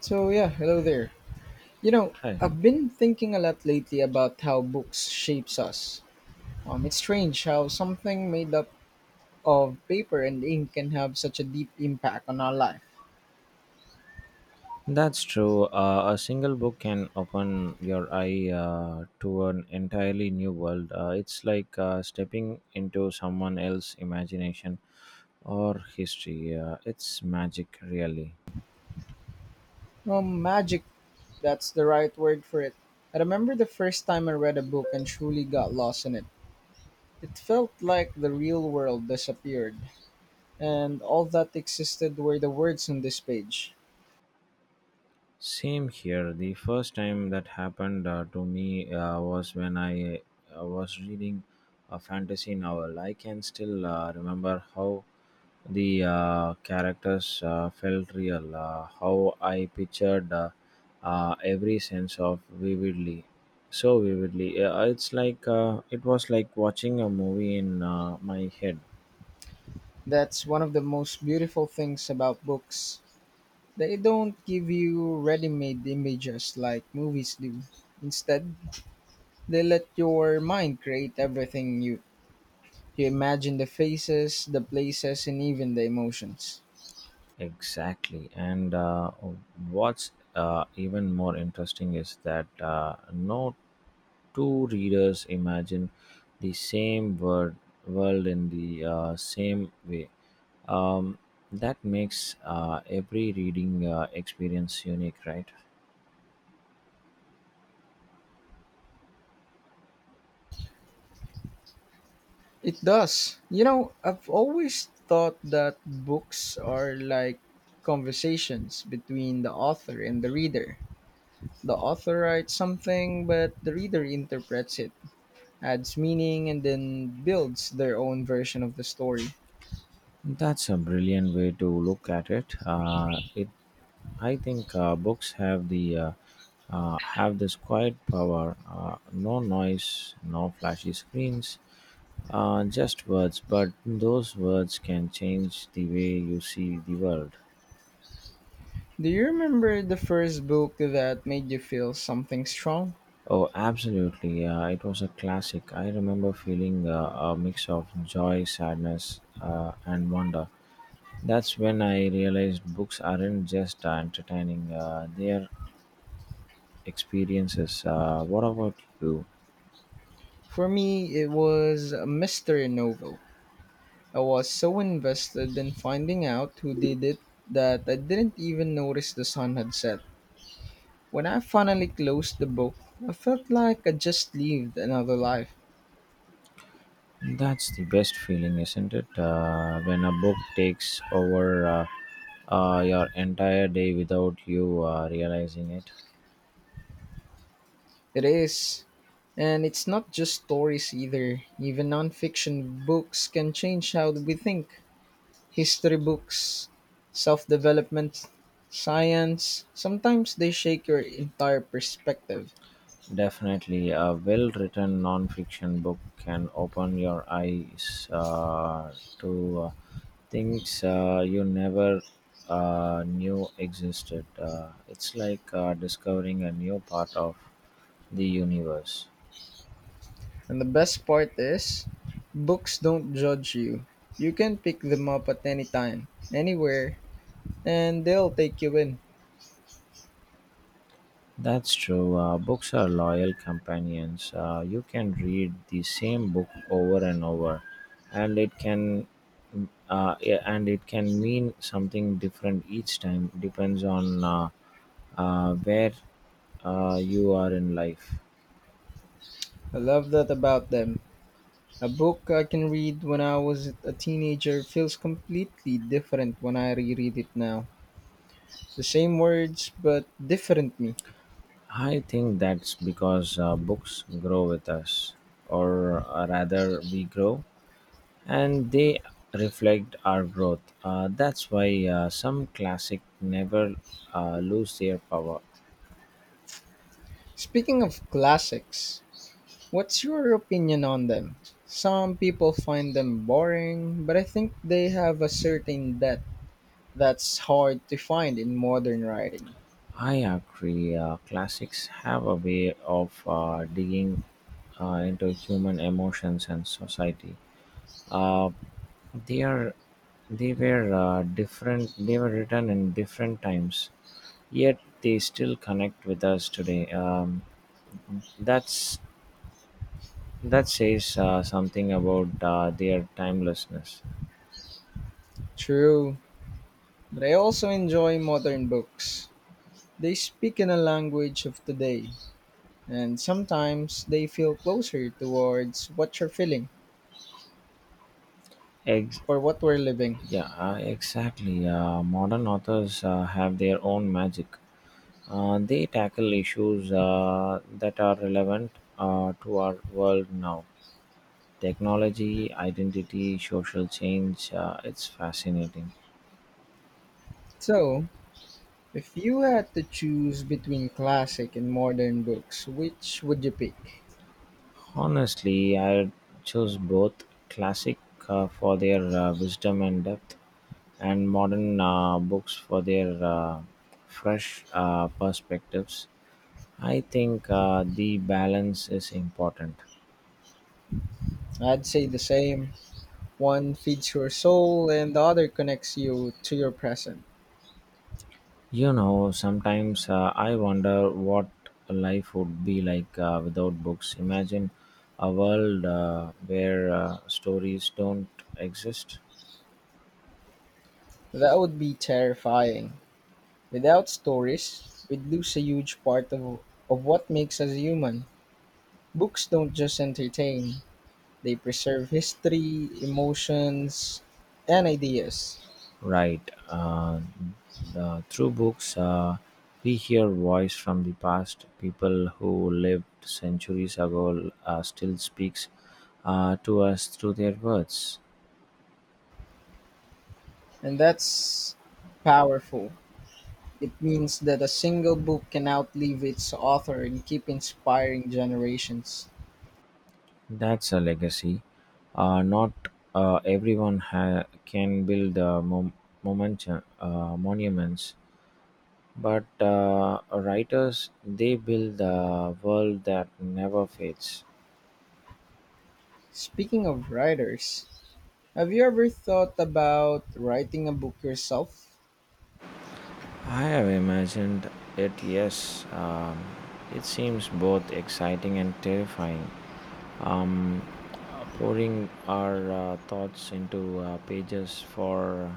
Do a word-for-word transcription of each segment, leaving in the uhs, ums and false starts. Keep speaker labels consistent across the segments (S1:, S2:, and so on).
S1: So yeah, hello there. You know,
S2: Hi.
S1: I've been thinking a lot lately about how books shapes us. Um, it's strange how something made up of paper and ink can have such a deep impact on our life.
S2: That's true. Uh, a single book can open your eye uh, to an entirely new world. Uh, it's like uh, stepping into someone else's imagination or history. Uh, it's magic, really.
S1: Um, magic, that's the right word for it. I remember the first time I read a book and truly got lost in it. It felt like the real world disappeared, and all that existed were the words on this page.
S2: Same here. The first time that happened uh, to me uh, was when I uh, was reading a fantasy novel. I can still uh, remember how the uh, characters uh, felt real, uh, how I pictured uh, uh, every sense of vividly, so vividly. Uh, it's like uh, it was like watching a movie in uh, my head.
S1: That's one of the most beautiful things about books. They don't give you ready-made images like movies do. Instead, they let your mind create everything you you imagine the faces, the places, and even the emotions.
S2: Exactly. And uh, what's uh, even more interesting is that uh, no two readers imagine the same word, world in the uh, same way. Um, that makes uh, every reading uh, experience unique, right?
S1: It does. You know, I've always thought that books are like conversations between the author and the reader. The author writes something, but the reader interprets it, adds meaning, and then builds their own version of the story.
S2: That's a brilliant way to look at it. Uh, it, I think, uh, books have the uh, uh, have this quiet power. Uh, no noise, no flashy screens, uh, just words. But those words can change the way you see the world.
S1: Do you remember the first book that made you feel something strong?
S2: Oh, absolutely! Uh, it was a classic. I remember feeling uh, a mix of joy, sadness, uh, and wonder. That's when I realized books aren't just uh, entertaining; uh, they are experiences. Uh, what about you?
S1: For me, it was a mystery novel. I was so invested in finding out who did it that I didn't even notice the sun had set. When I finally closed the book, I felt like I just lived another life.
S2: That's the best feeling, isn't it? Uh, when a book takes over uh, uh, your entire day without you uh, realizing it.
S1: It is. And it's not just stories either. Even nonfiction books can change how we think. History books, self development, science. Sometimes they shake your entire perspective.
S2: Definitely, a well written non fiction book can open your eyes uh, to uh, things uh, you never uh, knew existed. Uh, it's like uh, discovering a new part of the universe.
S1: And the best part is, books don't judge you. You can pick them up at any time, anywhere, and they'll take you in.
S2: That's true. Uh, books are loyal companions. Uh, you can read the same book over and over, and it can uh, yeah, and it can mean something different each time. Depends on uh, uh, where uh, you are in life.
S1: I love that about them. A book I can read when I was a teenager feels completely different when I reread it now. The same words, but different me.
S2: I think that's because uh, books grow with us, or uh, rather, we grow and they reflect our growth. Uh, that's why uh, some classic never uh, lose their power.
S1: Speaking of classics, what's your opinion on them? Some people find them boring, but I think they have a certain depth that's hard to find in modern writing.
S2: I agree. Uh, classics have a way of uh, digging uh, into human emotions and society. Uh, they are they were uh, different. They were written in different times, yet they still connect with us today. Um, that's that says uh, something about uh, their timelessness.
S1: True, but I also enjoy modern books. They speak in a language of today, and sometimes they feel closer towards what you're feeling
S2: Ex-
S1: or what we're living.
S2: Yeah, uh, exactly. Uh, modern authors uh, have their own magic. Uh, they tackle issues uh, that are relevant uh, to our world now, technology, identity, social change. Uh, it's fascinating.
S1: So, if you had to choose between classic and modern books, which would you pick?
S2: Honestly, I choose both, classic uh, for their uh, wisdom and depth, and modern uh, books for their uh, fresh uh, perspectives. I think uh, the balance is important.
S1: I'd say the same. One feeds your soul and the other connects you to your present.
S2: You know, sometimes uh, I wonder what life would be like uh, without books. Imagine a world uh, where uh, stories don't exist.
S1: That would be terrifying. Without stories, we'd lose a huge part of, of what makes us human. Books don't just entertain, they preserve history, emotions, and ideas.
S2: Right. Uh, the, through books, uh, we hear voice from the past. People who lived centuries ago uh, still speaks uh, to us through their words.
S1: And that's powerful. It means that a single book can outlive its author and keep inspiring generations.
S2: That's a legacy. Uh, not uh, everyone ha- can build uh, mom- moment- uh, monuments, but uh, writers they build a world that never fades.
S1: Speaking of writers, have you ever thought about writing a book yourself?
S2: I have imagined it. Yes, um, it seems both exciting and terrifying. Pouring our uh, thoughts into uh, pages for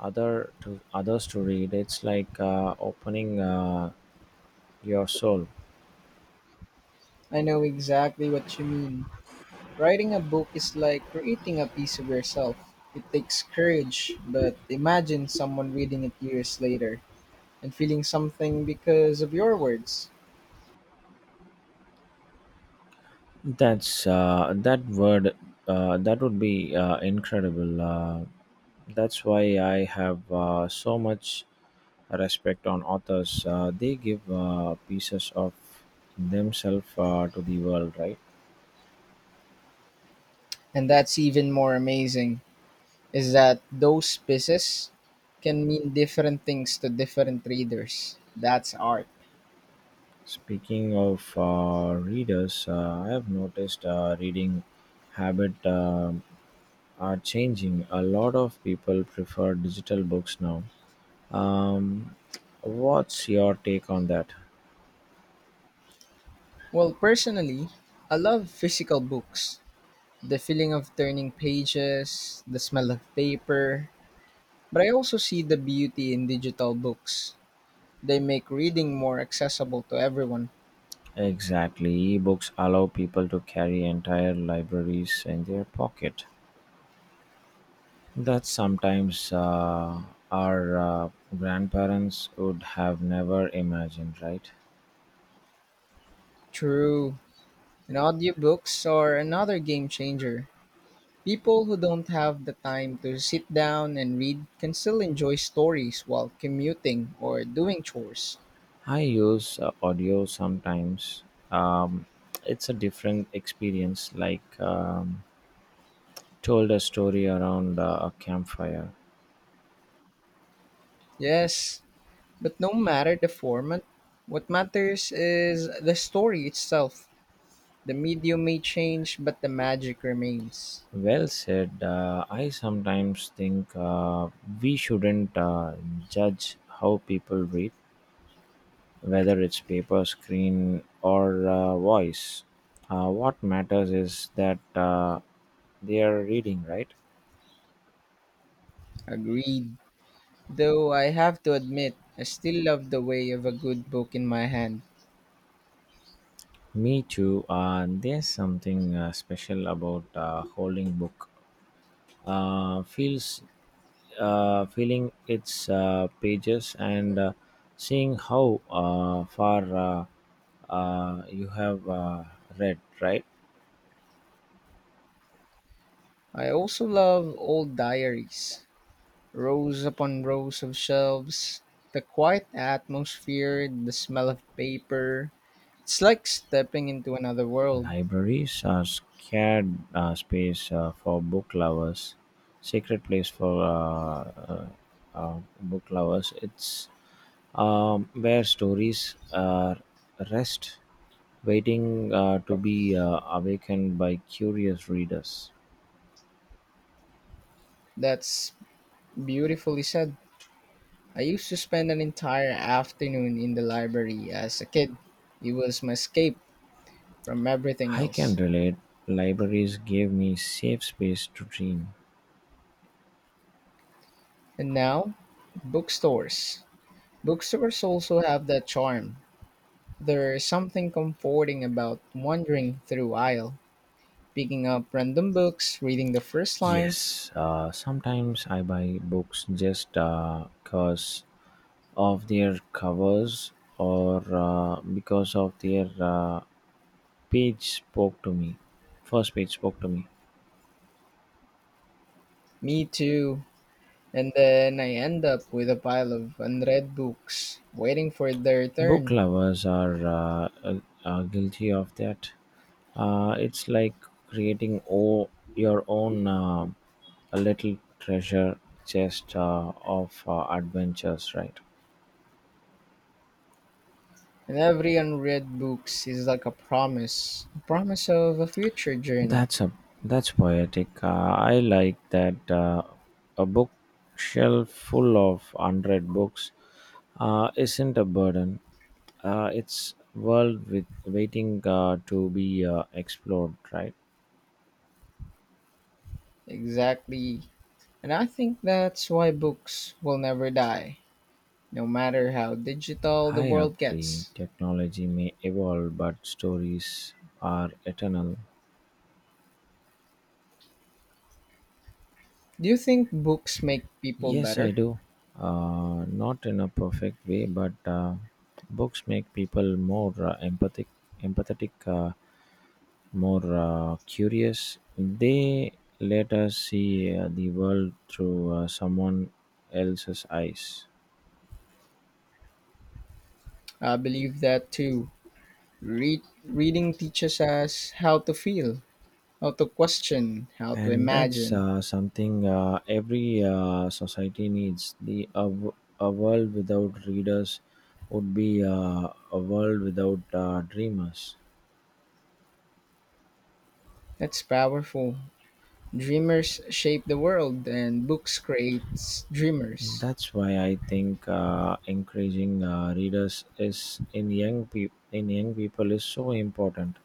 S2: other to others to read, it's like uh, opening uh, your soul.
S1: I know exactly what you mean. Writing a book is like creating a piece of yourself. It takes courage, but imagine someone reading it years later and feeling something because of your words.
S2: That's uh, that word. Uh, that would be uh, incredible. Uh, that's why I have uh, so much respect on authors. Uh, they give uh, pieces of themselves uh, to the world, right?
S1: And that's even more amazing is that those pieces can mean different things to different readers. That's art.
S2: Speaking of uh, readers, uh, I have noticed uh, reading habit um are changing. A lot of people prefer digital books now. Um, what's your take on that?
S1: Well, personally, I love physical books. The feeling of turning pages, the smell of paper. But I also see the beauty in digital books. They make reading more accessible to everyone.
S2: Exactly. Ebooks allow people to carry entire libraries in their pocket. That sometimes uh, our uh, grandparents would have never imagined, right?
S1: True. And audiobooks are another game changer. People who don't have the time to sit down and read can still enjoy stories while commuting or doing chores.
S2: I use uh, audio sometimes. Um, it's a different experience, like um, told a story around uh, a campfire.
S1: Yes, but no matter the format, what matters is the story itself. The medium may change, but the magic remains.
S2: Well said. Uh, I sometimes think uh, we shouldn't uh, judge how people read, whether it's paper, screen, or uh, voice. Uh, what matters is that uh, they are reading, right?
S1: Agreed. Though I have to admit, I still love the way of a good book in my hand.
S2: Me too. Uh, there's something uh, special about uh, holding book. Uh, feels uh, Feeling its uh, pages and uh, seeing how uh, far uh, uh, you have uh, read, right?
S1: I also love old diaries. Rows upon rows of shelves, the quiet atmosphere, the smell of paper. It's like stepping into another world.
S2: Libraries are sacred uh, space uh, for book lovers, sacred place for uh, uh, uh, book lovers. It's um, where stories uh, rest, waiting uh, to be uh, awakened by curious readers.
S1: That's beautifully said. I used to spend an entire afternoon in the library as a kid. It was my escape from everything
S2: I can
S1: else.
S2: relate. Libraries gave me safe space to dream.
S1: And now, bookstores. Bookstores also have that charm. There's something comforting about wandering through aisle, picking up random books, reading the first lines,
S2: Yes, uh, sometimes I buy books just because of their covers or uh, because of their uh, page spoke to me first page spoke to me.
S1: me too, and then I end up with a pile of unread books waiting for their
S2: book
S1: turn.
S2: lovers are uh, uh, uh, guilty of that. Uh, it's like creating o- your own uh, a little treasure chest uh, of uh, adventures, right?
S1: And every unread books is like a promise, a promise of a future journey.
S2: that's a that's poetic. uh, I like that. Uh, a bookshelf full of one hundred books uh, isn't a burden. Uh, it's world with waiting uh, to be uh, explored, right?
S1: Exactly. And I think that's why books will never die, no matter how digital the
S2: I
S1: world
S2: agree.
S1: gets.
S2: Technology may evolve, but stories are eternal.
S1: Do you think books make people
S2: Yes, I
S1: better?
S2: do. Uh, not in a perfect way, but uh, books make people more uh, empathic, empathetic, uh, more uh, curious. They let us see uh, the world through uh, someone else's eyes.
S1: I believe that too. Read, reading teaches us how to feel, how to question, how to
S2: And that's
S1: imagine.
S2: uh, something uh, every uh, society needs, the a, w- a world without readers would be uh, a world without uh, dreamers.
S1: That's powerful. Dreamers shape the world, and books creates dreamers.
S2: That's why I think uh, encouraging uh, readers is in young people in young people is so important.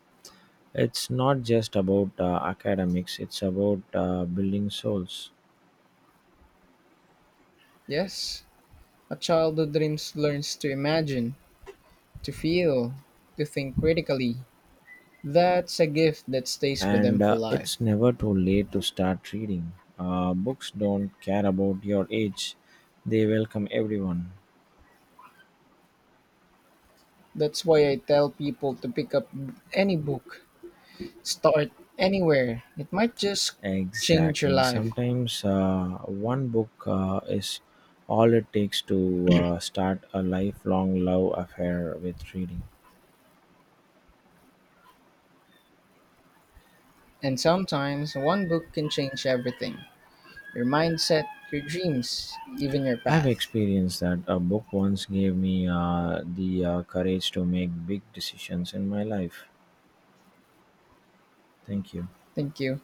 S2: It's not just about uh, academics, it's about uh, building souls.
S1: Yes, a child who dreams learns to imagine, to feel, to think critically. That's a gift that stays with them
S2: And
S1: for
S2: uh, it's
S1: life.
S2: never too late to start reading. Uh, books don't care about your age, they welcome everyone.
S1: That's why I tell people to pick up any book. Start anywhere. It might just change your
S2: Exactly.
S1: life.
S2: Sometimes uh, one book uh, is all it takes to uh, start a lifelong love affair with reading.
S1: And sometimes one book can change everything, your mindset, your dreams, even your
S2: I've
S1: path.
S2: experienced that. A book once gave me uh, the uh, courage to make big decisions in my life. Thank you.
S1: Thank you.